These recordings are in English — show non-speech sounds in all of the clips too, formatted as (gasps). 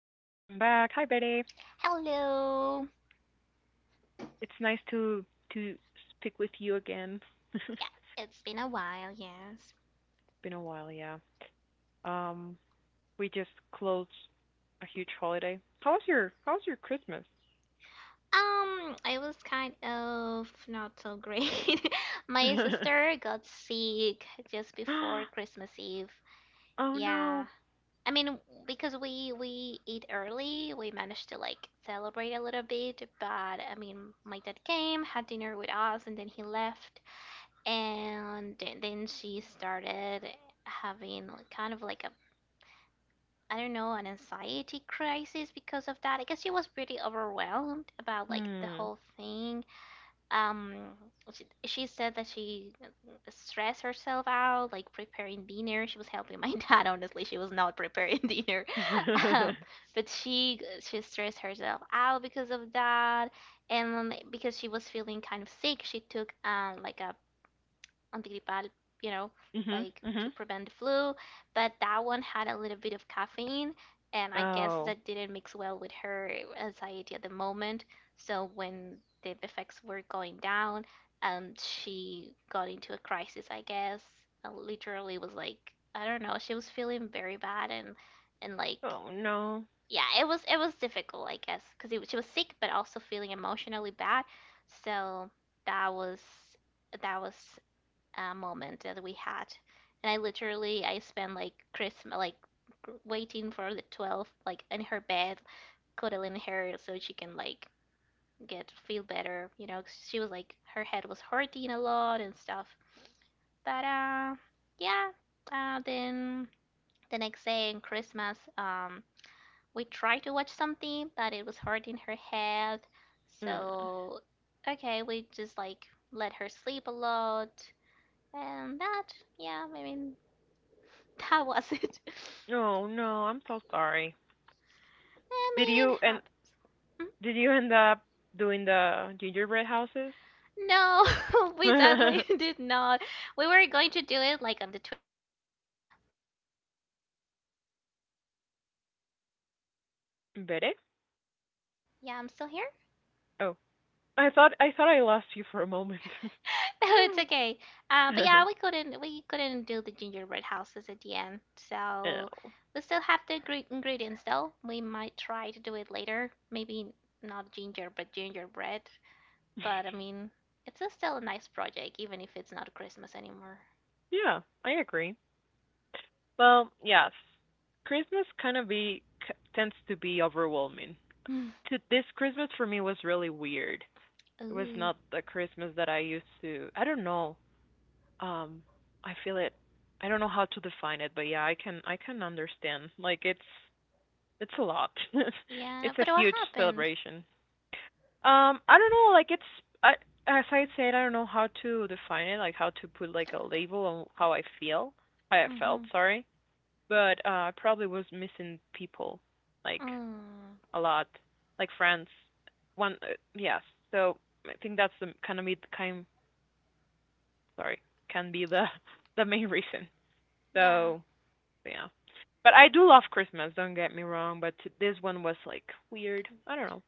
back. Hi, Betty. Hello. It's nice to speak with you again. (laughs) It's Yeah, it's been a while, yes. Been a while, yeah. Um, we just closed a huge holiday. How was your Christmas? I was kind of not so great. (laughs) My (laughs) sister got sick just Oh before Christmas Eve. Yeah. no. I mean, because we eat early, we managed to like celebrate a little bit, but I mean, my dad came, had dinner with us, and then he left, and then she started having like, kind of like a I don't know, an anxiety crisis because of that. I guess she was pretty overwhelmed about like the Hmm. whole thing. Um, she said that she stressed herself out, like preparing dinner. She was helping my (laughs) dad. Honestly, she was not preparing (laughs) dinner, um, (laughs) but she stressed herself out because of that, and because she was feeling kind of sick, she took like a antigripal, you know, Mhm. like to Mhm. prevent the flu. But that one had a little bit of caffeine, and I guess Oh. that didn't mix well with her anxiety at the moment. So when the effects were going down, she got into a crisis, I guess. And literally was like, I don't know, she was feeling very bad and and like Oh no. yeah, it was difficult, I guess, because she was sick but also feeling emotionally bad. So that was that was moment that we had, and I literally I spent like Christmas like waiting for the 12th like in her bed cuddling her so she can like get feel better, you know, she was like her head was hurting a lot and stuff, but yeah then the next day in Christmas, we tried to watch something, but it was hurting her head, Mm. so okay, we just like let her sleep a lot, and that, yeah, I mean, that was it. (laughs) Oh no. I'm so sorry. I Did made it you and happen. did you end up doing the gingerbread houses? No, (laughs) we sadly (laughs) (laughs) did not. We were going to do it like on the 24th, but yeah, she got sick, so we couldn't. And then, Betty? like, she, yeah, I'm still here. (laughs) Oh, I thought I lost you for a moment. No, it's okay. But yeah, (laughs) we couldn't do the gingerbread houses at the end. So Oh. we still have the ingredients though. We might try to do it later. Maybe not ginger, but gingerbread. But I mean, it's a still a nice project, even if it's not Christmas anymore. (sighs) Yeah, I agree. Well, yes. Christmas kind of tends to be overwhelming. Mm. To this Christmas for me was really weird. It was Ooh, not the Christmas that I used to. I don't know. Um, I feel it. I don't know how to define it, but yeah, I can understand. Like it's a lot. (laughs) yeah, no, It's a but what huge happened? celebration. I don't know, like it's I, as I said, I don't know how to define it, like how to put like a label on how I feel. How I Mm-hmm. felt, sorry. But I probably was missing people like Mm, a lot, like friends. One, yes. So I think that's the kind of me kind sorry, can be the (laughs) the main reason. yeah, So, yeah. But I do love Christmas, don't get me wrong, but this one was like weird. I don't know.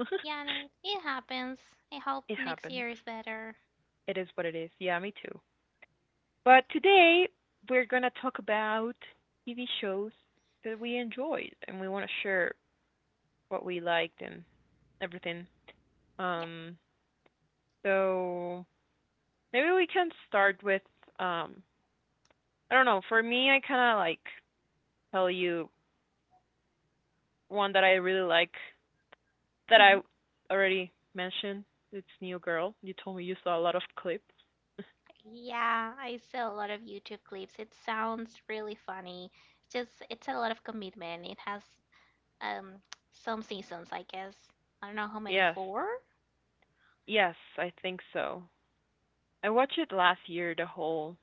(laughs) yeah, no, it happens. I hope It next happens. year is better. It is what it is. Yeah, me too. But today we're gonna talk about TV shows that we enjoyed and we want to share what we liked and everything. Yeah. Um, so maybe we can start with um, I don't know. For me, I kind of like tell you one that I really like that I hmm already mentioned. It's New Girl. You told me you saw a lot of clips. (laughs) Yeah, I saw a lot of YouTube clips. It sounds really funny. It's just it's a lot of commitment. It has um some seasons, I guess. I don't know how many, Yes, four? yes, I think so. I watched it last year, the whole.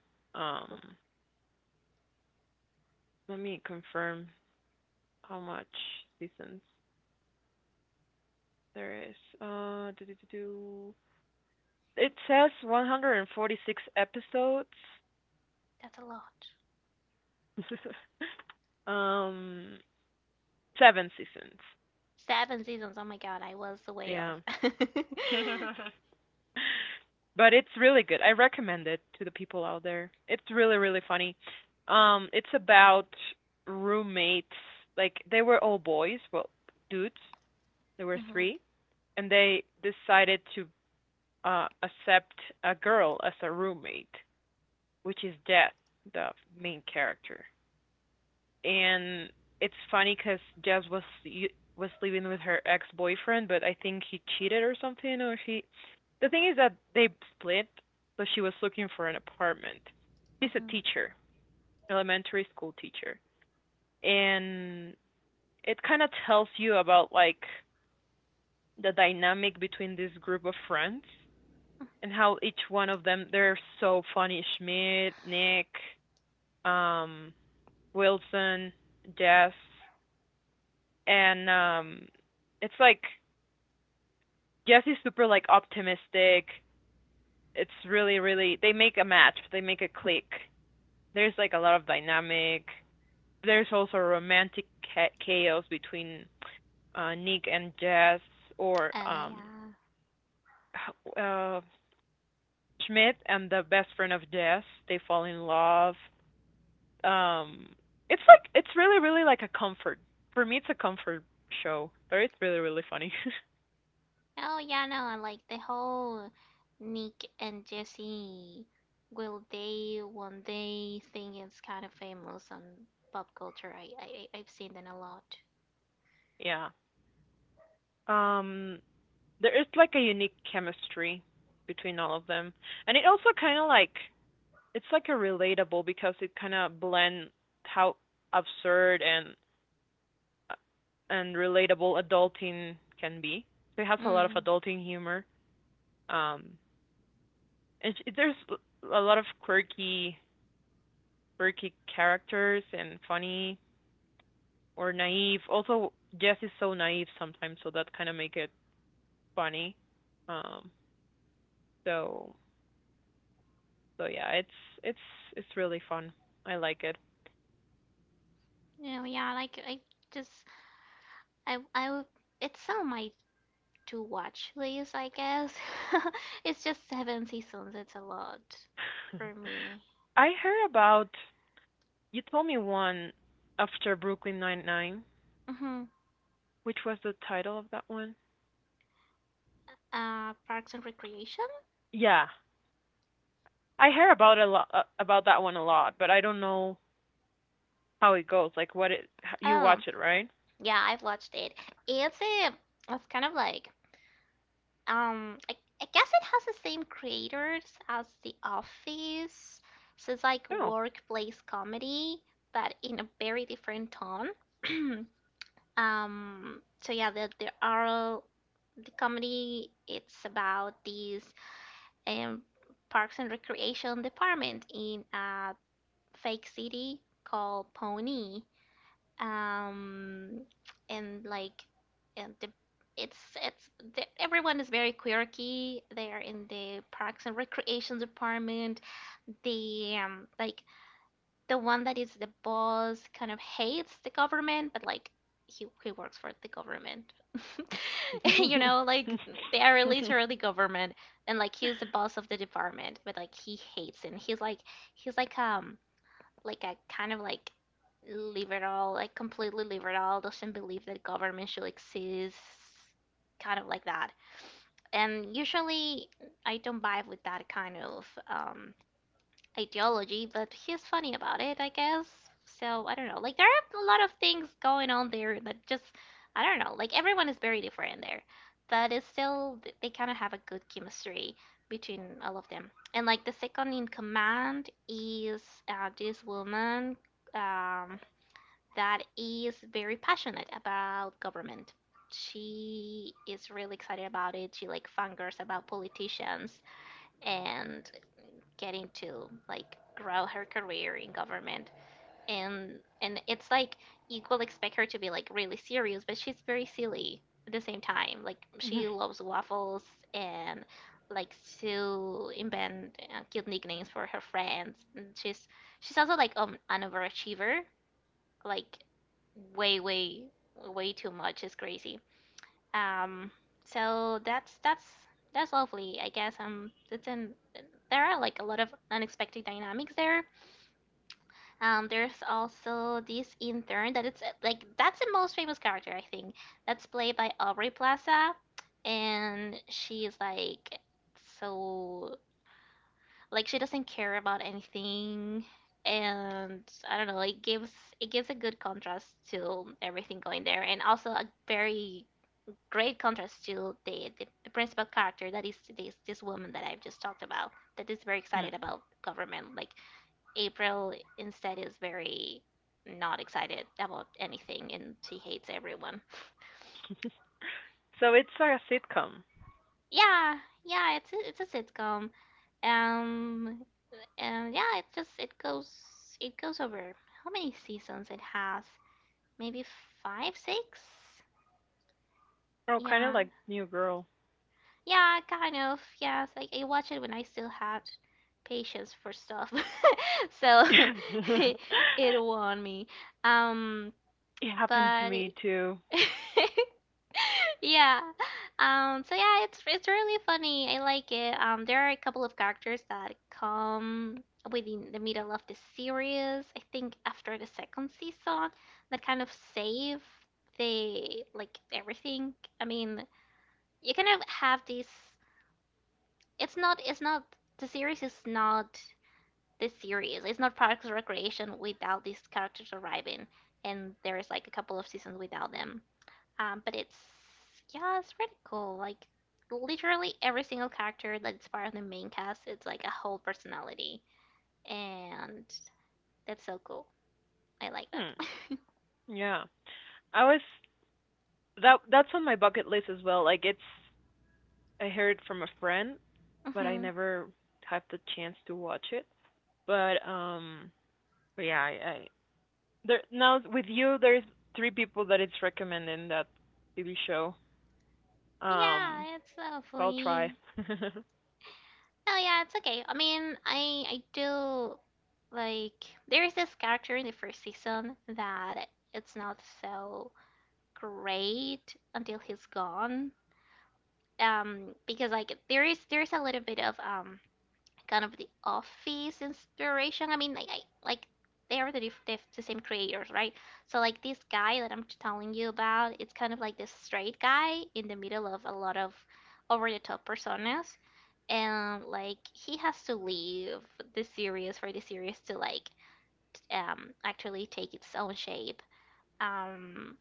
I hope Um, let me confirm how much seasons there is. Do do do do. It says 146 episodes. that's a lot. (laughs) um, seven seasons. Seven seasons. Oh my god, I was way off. Yeah, (laughs) (laughs) but it's really good. I recommend it to the people out there. It's really really funny. It's about roommates. Like they were all boys, well, dudes. There were hmm three, and they decided to accept a girl as a roommate, which is Jess, the main character. And it's funny because Jess was living with her ex boyfriend, but I think he cheated or something, or she. The thing is that they split, so she was looking for an apartment. She's a hmm teacher, elementary school teacher, and it kind of tells you about like the dynamic between this group of friends and how each one of them they're so funny. Schmidt, Nick, um, Wilson, Jess, and it's like Jess is super like optimistic. It's really really they make a match. They make a click. There's like a lot of dynamic. There's also romantic chaos between Nick and Jess, or (laughs) yeah. uh, Schmidt and the best friend of Jess. They fall in love, um it's like it's really really like a comfort, for me it's a comfort show, but it's really really funny. Oh yeah, no, like the whole Nick and Jesse. Will they one day thing? It's kind of famous on pop culture? I have seen them a lot. (laughs) Yeah, um there is like a unique chemistry between all of them, and it also kind of like it's like a relatable because it kind of blends how absurd uh, and relatable adulting can be, so it has a lot of Mm. adulting humor, um and there's a lot of quirky characters and funny or naive. Also, Jess is so naive sometimes, so that kind of make it funny. Um, so so yeah, it's it's really fun. I like it. Yeah, yeah. Like I just I would- it's on my to watch list, I guess. (laughs) It's just seven seasons. It's a lot for (laughs) me. I heard about You told me one after Brooklyn Nine Nine, Mhm. which was the title of that one. Parks and Recreation. Yeah, I hear about a lot about that one a lot, but I don't know how it goes. Like what it you watch Oh, it, right? yeah, I've watched it. It's a it's kind of like um I, I guess it has the same creators as The Office. So it's like No. workplace comedy, but in a very different tone. (clears throat) So yeah, there are the comedy it's about these um Parks and Recreation department in a fake city called Pony, um and like and the it's the, everyone is very quirky, they are in the Parks and Recreation department, the um like the one that is the boss kind of hates the government, but like he works for the government, (laughs) you (laughs) know, like (laughs) they are literally government, and like he's the boss of the department but like he hates it. And he's like he's like um I kind of like leave it all, like completely leave it all, doesn't believe that government should exist, kind of like that. And usually I don't vibe with that kind of ideology, but he's funny about it, I guess. So I don't know. Like there are a lot of things going on there that just I don't know. Like everyone is very different there, but it's still they kind of have a good chemistry between all of them. And like the second in command is this woman, um, that is very passionate about government. She is really excited about it. She like fangirls about politicians and getting to like grow her career in government, and it's like you will expect her to be like really serious, but she's very silly at the same time, like she loves waffles and likes to invent cute nicknames for her friends, and she's also like an overachiever, like way way way too much, is crazy, um, so that's lovely, I guess. It's in There are like a lot of unexpected dynamics there. There's also this intern that it's like that's the most famous character, I think. That's played by Aubrey Plaza, and she's like so like she doesn't care about anything. And I don't know, it gives a good contrast to everything going there, and also a very great contrast to the principal character that is this woman that I've just talked about, that is very excited about government. Like April instead is very not excited about anything, and she hates everyone. So it's a sitcom. Yeah, yeah, it's a sitcom. Um and yeah, it just it goes over, how many seasons it has? Maybe 5 6? Oh, kind of Yeah, like New Girl. yeah, kind of. Yes, like I watched it when I still had patience for stuff. (laughs) So (laughs) (laughs) it, it won me. Um, It happened to but me too. (laughs) yeah. So yeah, it's really funny. I like it. There are a couple of characters that come within the middle of the series. I think after the second season that kind of save the like everything. I mean, you kind of have this It's not. It's not. The series is not Parks and Recreation without these characters arriving, and there is like a couple of seasons without them. But it's yeah, it's pretty cool. Like literally every single character that's part of the main cast, it's like a whole personality, and that's so cool. I like that. Hmm. Yeah. I was that that's on my bucket list as well. Like it's I heard from a friend, (laughs) but I hmm never had the chance to watch it. But um but yeah, I there now with you there's three people that it's recommending that TV show. Um Yeah, it's so I'll try. lovely. (laughs) Oh yeah, it's okay. I mean, I do like there is this character in the first season that it's not so great until he's gone. Because like there is a little bit of kind of the Office inspiration. I mean, I like they are the, the same creators, right? So like this guy that I'm telling you about, it's kind of like this straight guy in the middle of a lot of over the top personas, and like he has to leave the series for the series to like actually take its own shape. Um,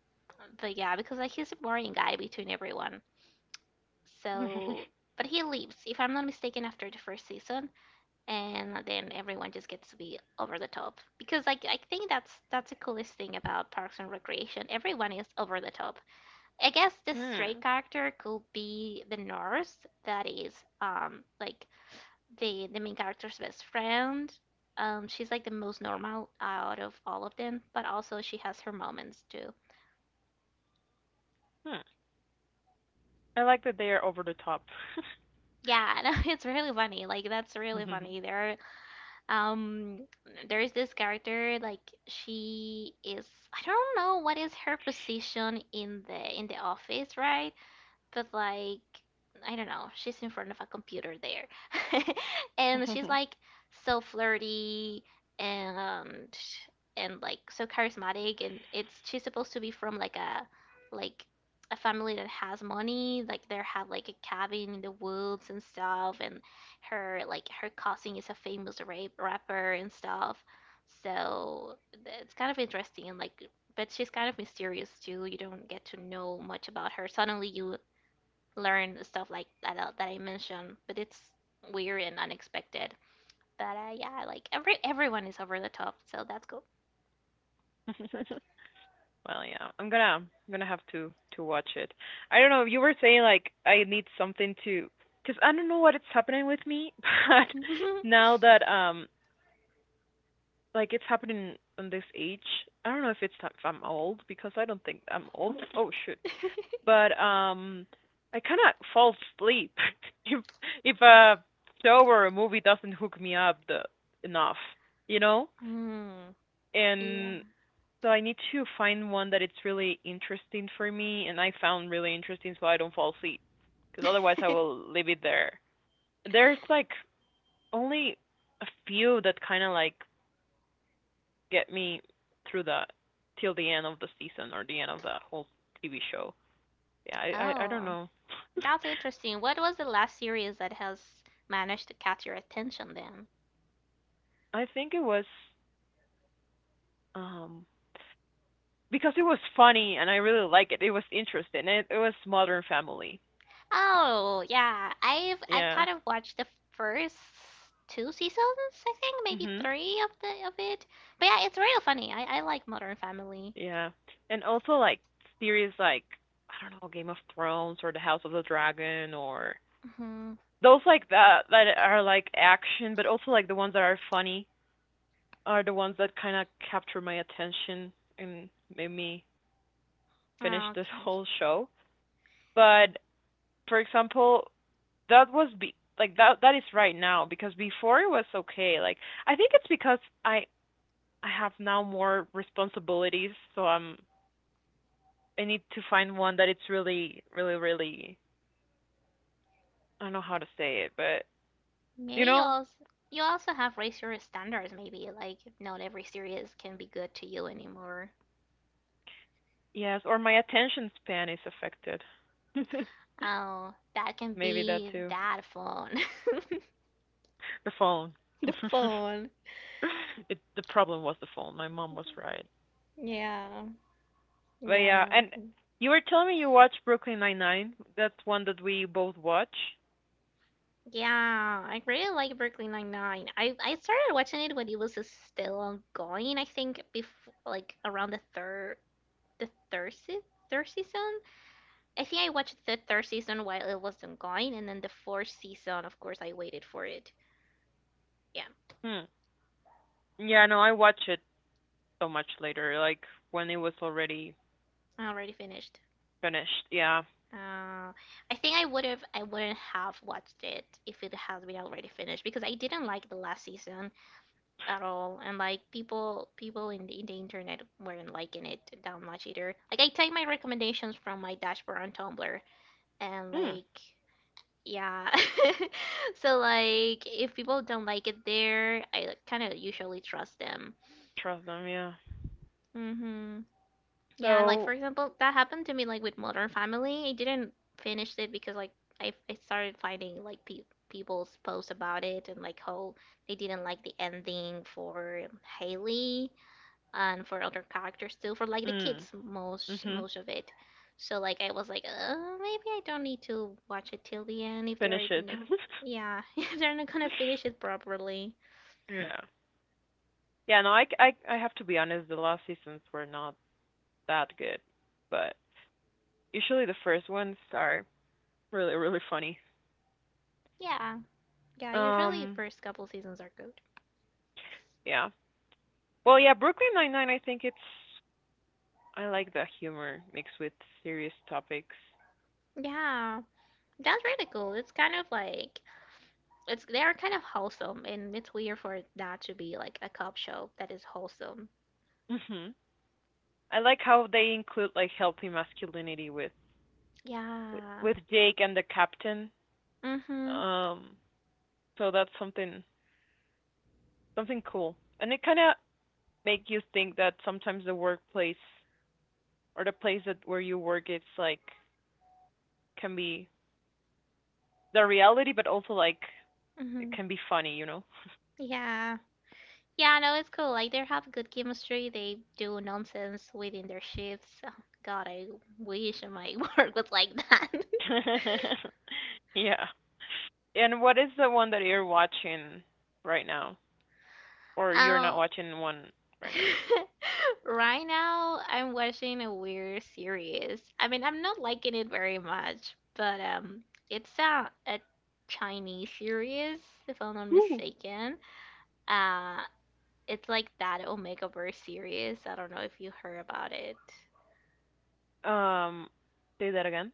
but yeah, because like he's a boring guy between everyone, so. But he leaves, if I'm not mistaken, after the first season, and then everyone just gets to be over the top because like I think that's the coolest thing about Parks and Recreation. Everyone is over the top. I guess the stray Hmm. character could be the nurse that is um like the main character's best friend. She's like the most normal out of all of them, but also she has her moments too. Hmm. I like that they are over the top. Yeah, (laughs) no, it's really funny. Like that's really funny. There are um, there is this character, like she is I don't know what is her position in the office, right? But like I don't know, she's in front of a computer there, (laughs) and she's (laughs) like (laughs) so flirty and and so charismatic, and it's she's supposed to be from like a family that has money, like they have like a cabin in the woods and stuff, and her like her cousin is a famous rapper and stuff, so it's kind of interesting and like but she's kind of mysterious too. You don't get to know much about her. Suddenly, you learn the stuff like that I mentioned, but it's weird and unexpected. But yeah, like everyone is over the top, so that's cool. (laughs) Well, yeah, I'm gonna have to watch it. I don't know. You were saying like I need something to, because I don't know what it's happening with me, (laughs) but (laughs) now that like it's happening in this age, I don't know if it's if I'm old because I don't think I'm old. Oh shoot, but I kind of fall asleep (laughs) if if a show or a movie doesn't hook me up the enough, you know, mm, yeah. and so I need to find one that it's really interesting for me and I found really interesting so I don't fall asleep. Because otherwise I will (laughs) leave it there. There's like only a few that kind of like get me through the till the end of the season or the end of the whole TV show. Yeah, I don't Oh, know. that's interesting. What was the last series that has managed to catch your attention then? (laughs) I think it was um because it was funny and I really like it. It was interesting. It was Modern Family. Oh, yeah. I've Yeah. kind of watched the first two seasons, I think, maybe Mhm. three of the of it. But yeah, it's real funny. I like Modern Family. Yeah. And also like series like I don't know, Game of Thrones or The House of the Dragon, or Hmm those like that that are like action but also like the ones that are funny are the ones that kind of capture my attention and made me finish Oh, this (laughs) okay. whole show. But for example, that was be like that that is right now because before it was okay. Like I think it's because I have now more responsibilities, so I need to find one that it's really really really I don't know how to say it, but you Maybe know, you also have raised your standards. Maybe like not every series can be good to you anymore. yes, or my attention span is affected. (laughs) Oh, that can Maybe that be too. that phone. The phone. (laughs) the (laughs) phone. The problem was the phone. My mom was right. Yeah. But Yeah. yeah, No. and you were telling me you watch Brooklyn Nine Nine. That's one that we both watch. Yeah, I really like Brooklyn Nine Nine. I started watching it when it was still ongoing. I think before like around the third season. I think I watched the third season while it was ongoing, and then the fourth season, of course, I waited for it. Yeah. Hmm. Yeah, no, I watch it so much later, like when it was already I already finished. finished. Yeah. Uh, I wouldn't have watched it if it has been already finished because I didn't like the last season at all, and like people in the internet weren't liking it that much either. Like I take my recommendations from my dashboard on Tumblr, and Hmm. like yeah, (laughs) so like if people don't like it there, I kind of usually trust them. Trust them. Yeah. hmm Yeah, like for So. example, that happened to me like with Modern Family. I didn't finish it because like I started finding like pe people's posts about it and like how they didn't like the ending for Haley and for other characters too, for like the Mm. kids Mhm. most of it. So like I was like, maybe I don't need to watch it till the end if they're Finish it. not, yeah, (laughs) if they're not gonna finish it (laughs) properly. Yeah. Yeah, no, I have to be honest, the last seasons were not that good, but usually the first ones are really, really funny. Yeah, yeah. Usually Um, first couple seasons are good. yeah. Well, yeah, Brooklyn Nine-Nine, I like the humor mixed with serious topics. Yeah. That's really cool. It's kind of like it's they are kind of wholesome, and it's weird for it not to be like a cop show that is wholesome. Hmm. I like how they include like healthy masculinity Yeah. with Jake and the captain. Mhm. Um, so that's something cool. And it kind of make you think that sometimes the workplace or the place that where you work, it's like can be the reality, but also like it Mhm. can be funny. Yeah. Yeah, no, it's cool. Like they have good chemistry. They do nonsense within their shifts. Oh, God, I wish my (laughs) work was like that. (laughs) (laughs) Yeah. And what is the one that you're watching right now, or you're not Oh. watching one right (laughs) Right now, I'm watching a weird series. I mean, I'm not liking it very much, but it's a Chinese series, if I'm not now? Ooh. mistaken. Uh, it's like that Omegaverse series. I don't know if you heard about it. Um, say that again.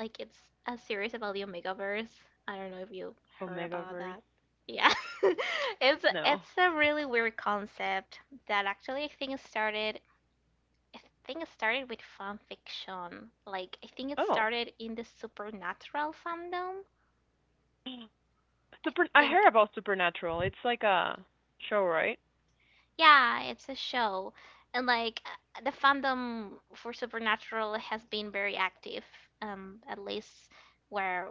Like it's a series about the Omegaverse. I don't know if you heard about Omegaverse. that. Yeah. (laughs) It's No. it's a really weird concept that actually I think it started with fan fiction. Like I think it Oh. started in the supernatural fandom. Super. I Think heard about Supernatural. It's like a show, right? Yeah, it's a show. And like the fandom for Supernatural has been very active, at least where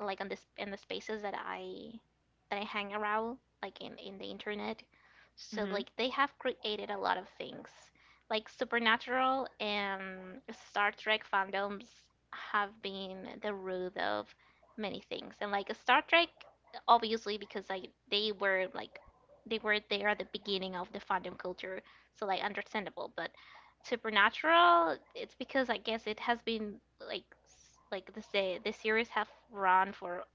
like on this in the spaces that I hang around, like in the internet. So Mhm. like they have created a lot of things. Like Supernatural and Star Trek fandoms have been the root of many things. And like Star Trek obviously because like they were there at the beginning of the fandom culture, so like understandable, but Supernatural, it's because I guess it has been like like the series have run for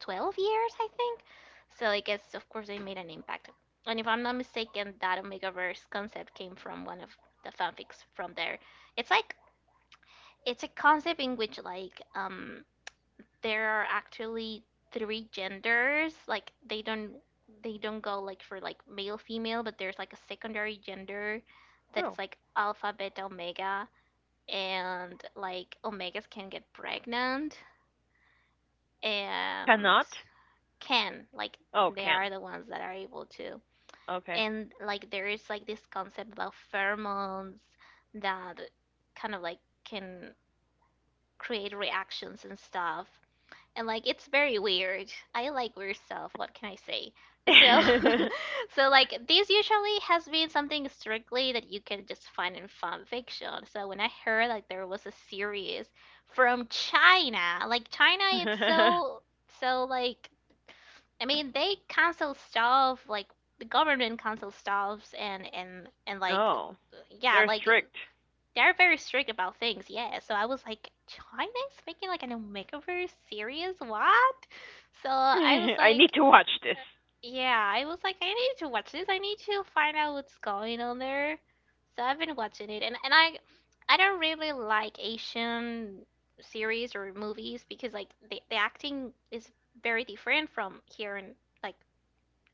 12 years, I think. So I guess of course they made an impact. And if I'm not mistaken, that Omegaverse concept came from one of the fanfics from there. It's like it's a concept in which like there are actually three genders, like they don't go like for like male female, but there's like a secondary gender that is Oh. like alpha, beta, omega and like omegas can get pregnant and Cannot. can like Oh, they can. are the ones that are able to Okay. and like there is like this concept about pheromones that kind of like can create reactions and stuff and like it's very weird. I like weird stuff. What can I say? So, (laughs) so like this usually has been something strictly that you can just find in fan fiction. So when I heard like there was a series from China, like China, it's (laughs) (laughs) so like I mean they cancel stuff like the government cancels stuffs and like Oh. yeah They're like strict. they're very strict about things, yeah. So I was like, China's making like an Omegaverse series? What? So (laughs) I was I need like, to watch this. yeah, I was like, I need to watch this. I need to find out what's going on there. So I've been watching it, I don't really like Asian series or movies because like the acting is very different from here in like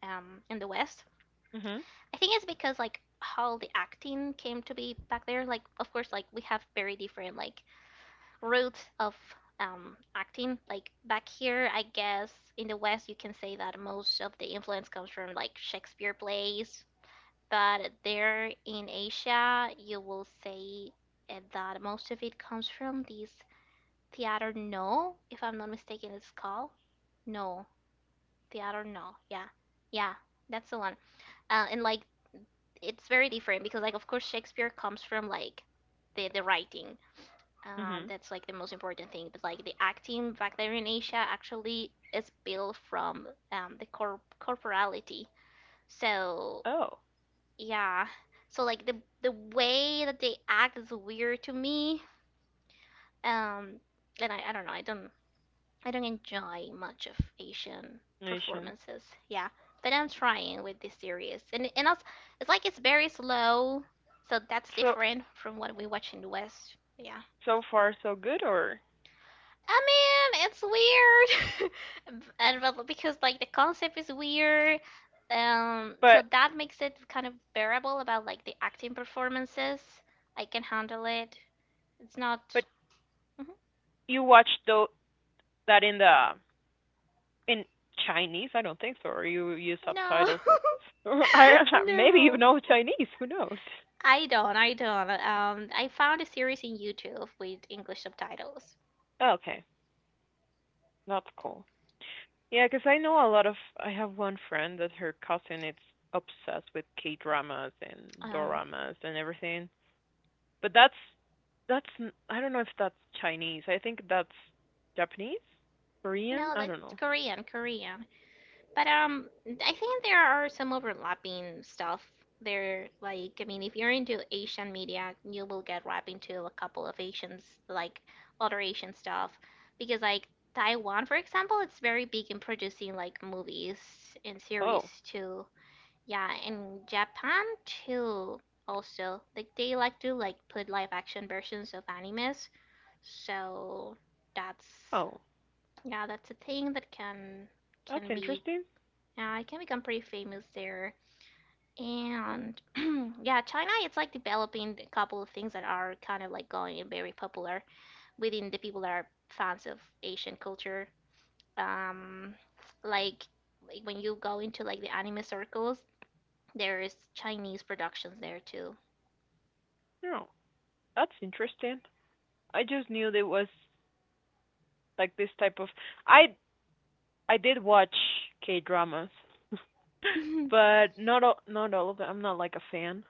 in the West. Mhm. I think it's because like how the acting came to be back there. Like of course like we have very different like route of acting. Like back here, I guess in the West, you can say that most of the influence comes from like Shakespeare plays, but there in Asia, you will say that most of it comes from this theater. No, if I'm not mistaken, it's called no theater. No, yeah, yeah, that's the one. And like it's very different because like of course Shakespeare comes from like the writing Mhm. that's like the most important thing. But like the acting back there in Asia actually is built from the corporality. So Oh, yeah, so like the way that they act is weird to me. Um, and I don't know. I don't enjoy much of Asian Nation. performances. Yeah, but I'm trying with this series, and also it's like it's very slow, so that's so different from what we watch in the West. Yeah. so far so good, or I mean, it's weird, (laughs) and but because like the concept is weird, so but that makes it kind of bearable about like the acting performances. I can handle it. It's not. but Mhm. you watched that in Chinese? I don't think so. Or you use No, subtitles, or, I (laughs) (laughs) maybe you no, know Chinese. Who knows? I don't. I don't. I found a series in YouTube with English subtitles. Okay, that's cool. Yeah, because I know a lot of. I have one friend that her cousin is obsessed with K dramas and Um, doramas and everything. But I don't know if that's Chinese. I think that's Japanese, Korean. no, I don't that's know. Korean, Korean. But I think there are some overlapping stuff there. Like, I mean, if you're into Asian media, you will get wrapped into a couple of Asians, like other Asian stuff, because like Taiwan, for example, it's very big in producing like movies and series Oh, too. Yeah, and Japan too. Also, like they like to like put live action versions of animes. So that's oh, yeah, that's a thing that can that's be interesting. yeah, I can become pretty famous there. And (clears throat) yeah, China, it's like developing a couple of things that are kind of like going and very popular within the people that are fans of Asian culture. Um, like when you go into like the anime circles, there is Chinese productions there too. No, that's interesting. I just knew there was like this type of. I I did watch K dramas, (laughs) (laughs) but not all of them. I'm not like a fan.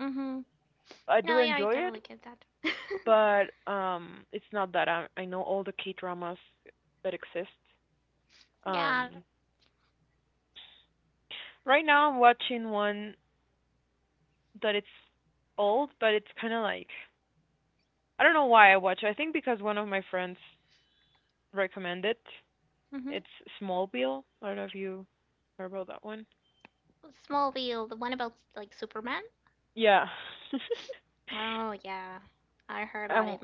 Mm-hmm. I do No, yeah, I enjoy it, totally get that. (laughs) but it's not that I know all the K dramas that exist. Yeah. Um, right now I'm watching one that it's old, but it's kind of like I don't know why I watch it. I think because one of my friends recommended it. Mm-hmm. It's Smallville. I don't know if you heard about that one. Smallville, the one about like Superman. Yeah. Oh (laughs) yeah, I heard about um, it.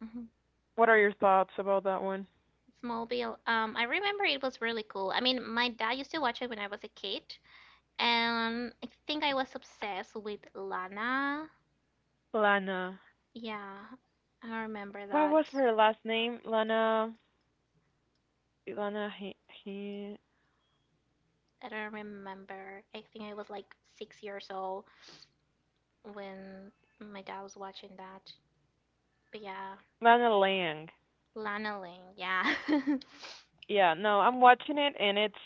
hmm what are your thoughts about that one? Smallville. I remember it was really cool. I mean, my dad used to watch it when I was a kid, and I think I was obsessed with Lana. Lana. Yeah, I remember What was that. her last name? Lana. Lana. He, I don't remember. I think I was like 6 years old when my dad was watching that. But yeah, Lana Lang. Lana Lang. Yeah. (laughs) Yeah, no, I'm watching it and it's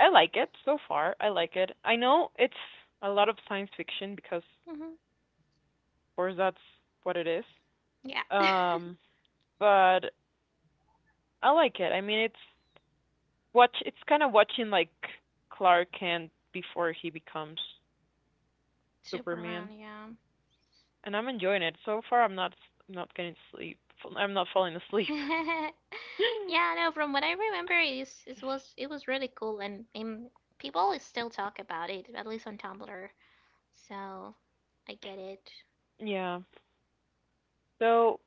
I like it so far. I like it. I know it's a lot of science fiction because of hmm course that's what it is. Yeah. (laughs) Um, but I like it. I mean, It's kind of watching like Clark Kent before he becomes Super round. Superman, and I'm enjoying it. So far, I'm not getting sleep. I'm not falling asleep. Yeah. (laughs) Yeah, no, (laughs) from what I remember, it was really cool, and people still talk about it, at least on Tumblr. So, I get it. Yeah. So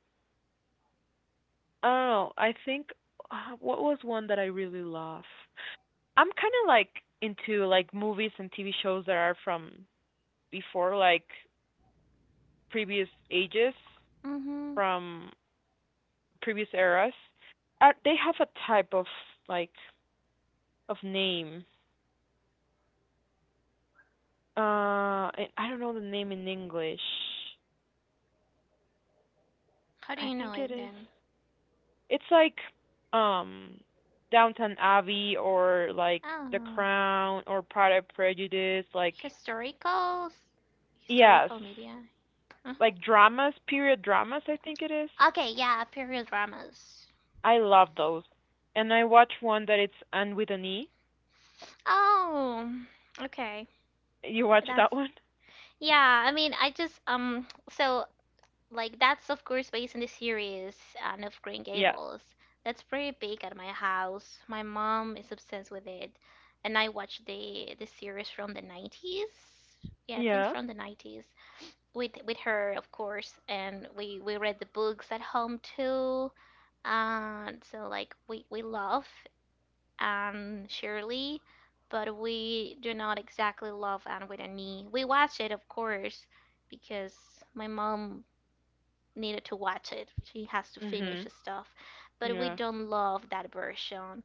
I don't know. I think what was one that I really love. I'm kind of like into like movies and TV shows that are from before like previous ages Mhm. from previous eras, are they have a type of like of name. And I don't know the name in English. How do I you know think it it is. then? It's like um Downton Abbey or like The Oh, Crown or Pride and Prejudice. Like historical, yes, historical media. Mhm. like dramas, period dramas. I think it is. Okay, yeah, period dramas. I love those. And I watched one that it's Anne with an E. Oh, okay. You watched that That's one? (laughs) yeah. I mean, I just so that's of course based on the series and of Green Yes. Gables. That's pretty big at my house. My mom is obsessed with it, and I watched the series from the 90s. Yeah, things Yeah. from the 90s with her, of course, and we read the books at home too. And so like we love Anne Shirley, but we do not exactly love Anne with an E. We watch it, of course, because my mom needed to watch it. She has to finish Mhm. stuff, but we Yeah. don't love that version.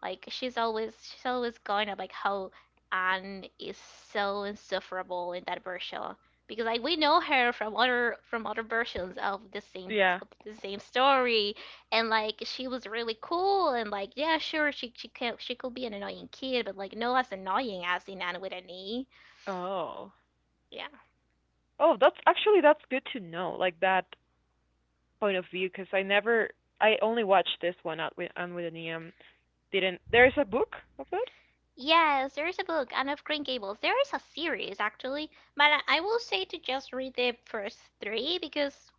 Like she's always going about like how Anne is so insufferable in that version because like we know her from other versions Yeah. of the same story and like she was really cool and like yeah sure she could be an annoying kid but like no as annoying as in Anne with an E Oh. yeah Oh, that's good to know, like that point of view, because I never, I only watched this one out with on with an EM. Didn't there is a book of it? Yes, there is a book, Anne of Green Gables. There is a series actually, but I will say to just read the first three because,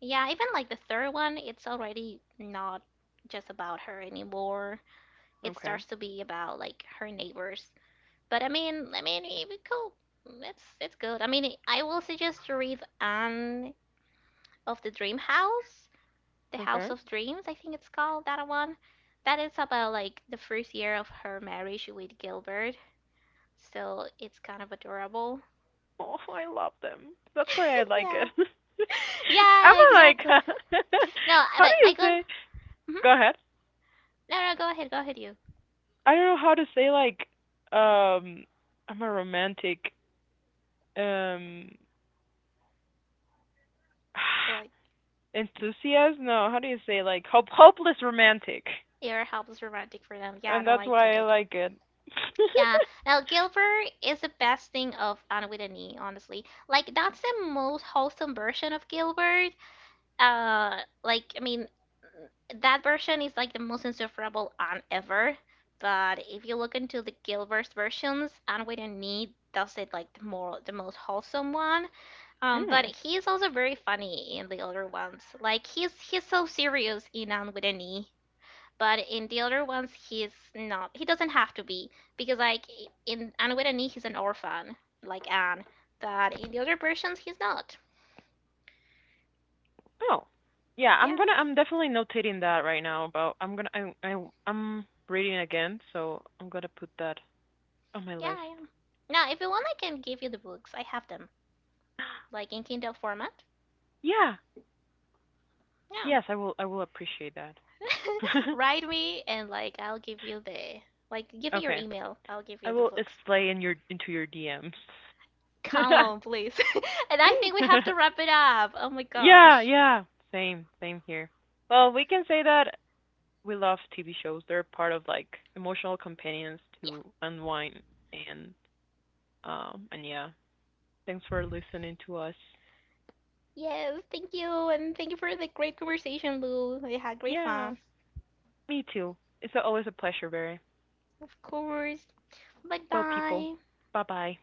yeah, even like the third one, it's already not just about her anymore. It Okay. starts to be about like her neighbors. But I mean, it cool. It's good. I mean, I will suggest to read Anne of the Dream House, the House Okay. of Dreams. I think it's called that one. That is about like the first year of her marriage with Gilbert still it's kind of adorable. Oh, I love them. That's why I (laughs) like it. yeah. (laughs) I'm Yeah, like, exactly. No, (laughs) how but do I you got. say? Hmm Go ahead. No, go ahead, you. I don't know how to say like, um, I'm a romantic, um, Like (sighs) enthusiast. No, how do you say like hopeless romantic? Air helps romantic for them. Yeah, And no, that's I get why I it. like it. (laughs) Yeah. Now Gilbert is the best thing of Anna with a knee, honestly. Like that's the most wholesome version of Gilbert. Like I mean, that version is like the most insufferable Anne ever. But if you look into the Gilbert's versions, Anne with a knee does it like the most wholesome one. But Mm. he's also very funny in the other ones. Like he's so serious in On with an E, but in the other ones he's not. He doesn't have to be because like in On with an E he's an orphan like Anne, but in the other versions he's not. Oh. Yeah, I'm Yeah, gonna I'm definitely notating that right now, about I'm gonna I I'm reading again, so I'm gonna put that on my yeah, list. I am. Now if you want, I can give you the books. I have them like (gasps) in Kindle format. Yeah. Yeah, Yes, I will appreciate that. (laughs) (laughs) write me and like I'll give you the like give me your Okay. email. I'll give I you the will books. slay in your into your DMs. Come (laughs) on, please. (laughs) and I think we have to wrap it up. Oh my Yeah, gosh. yeah. Same, same here. Well, we can say that we love TV shows. They're part of like emotional companions Yeah. to unwind and and yeah. Thanks for listening to us. Yes. Thank you, and thank you for the great conversation, Lou. I had great Yeah, fun. me too. It's always a pleasure, Barry. Of course. Bye Well, people, bye. bye bye.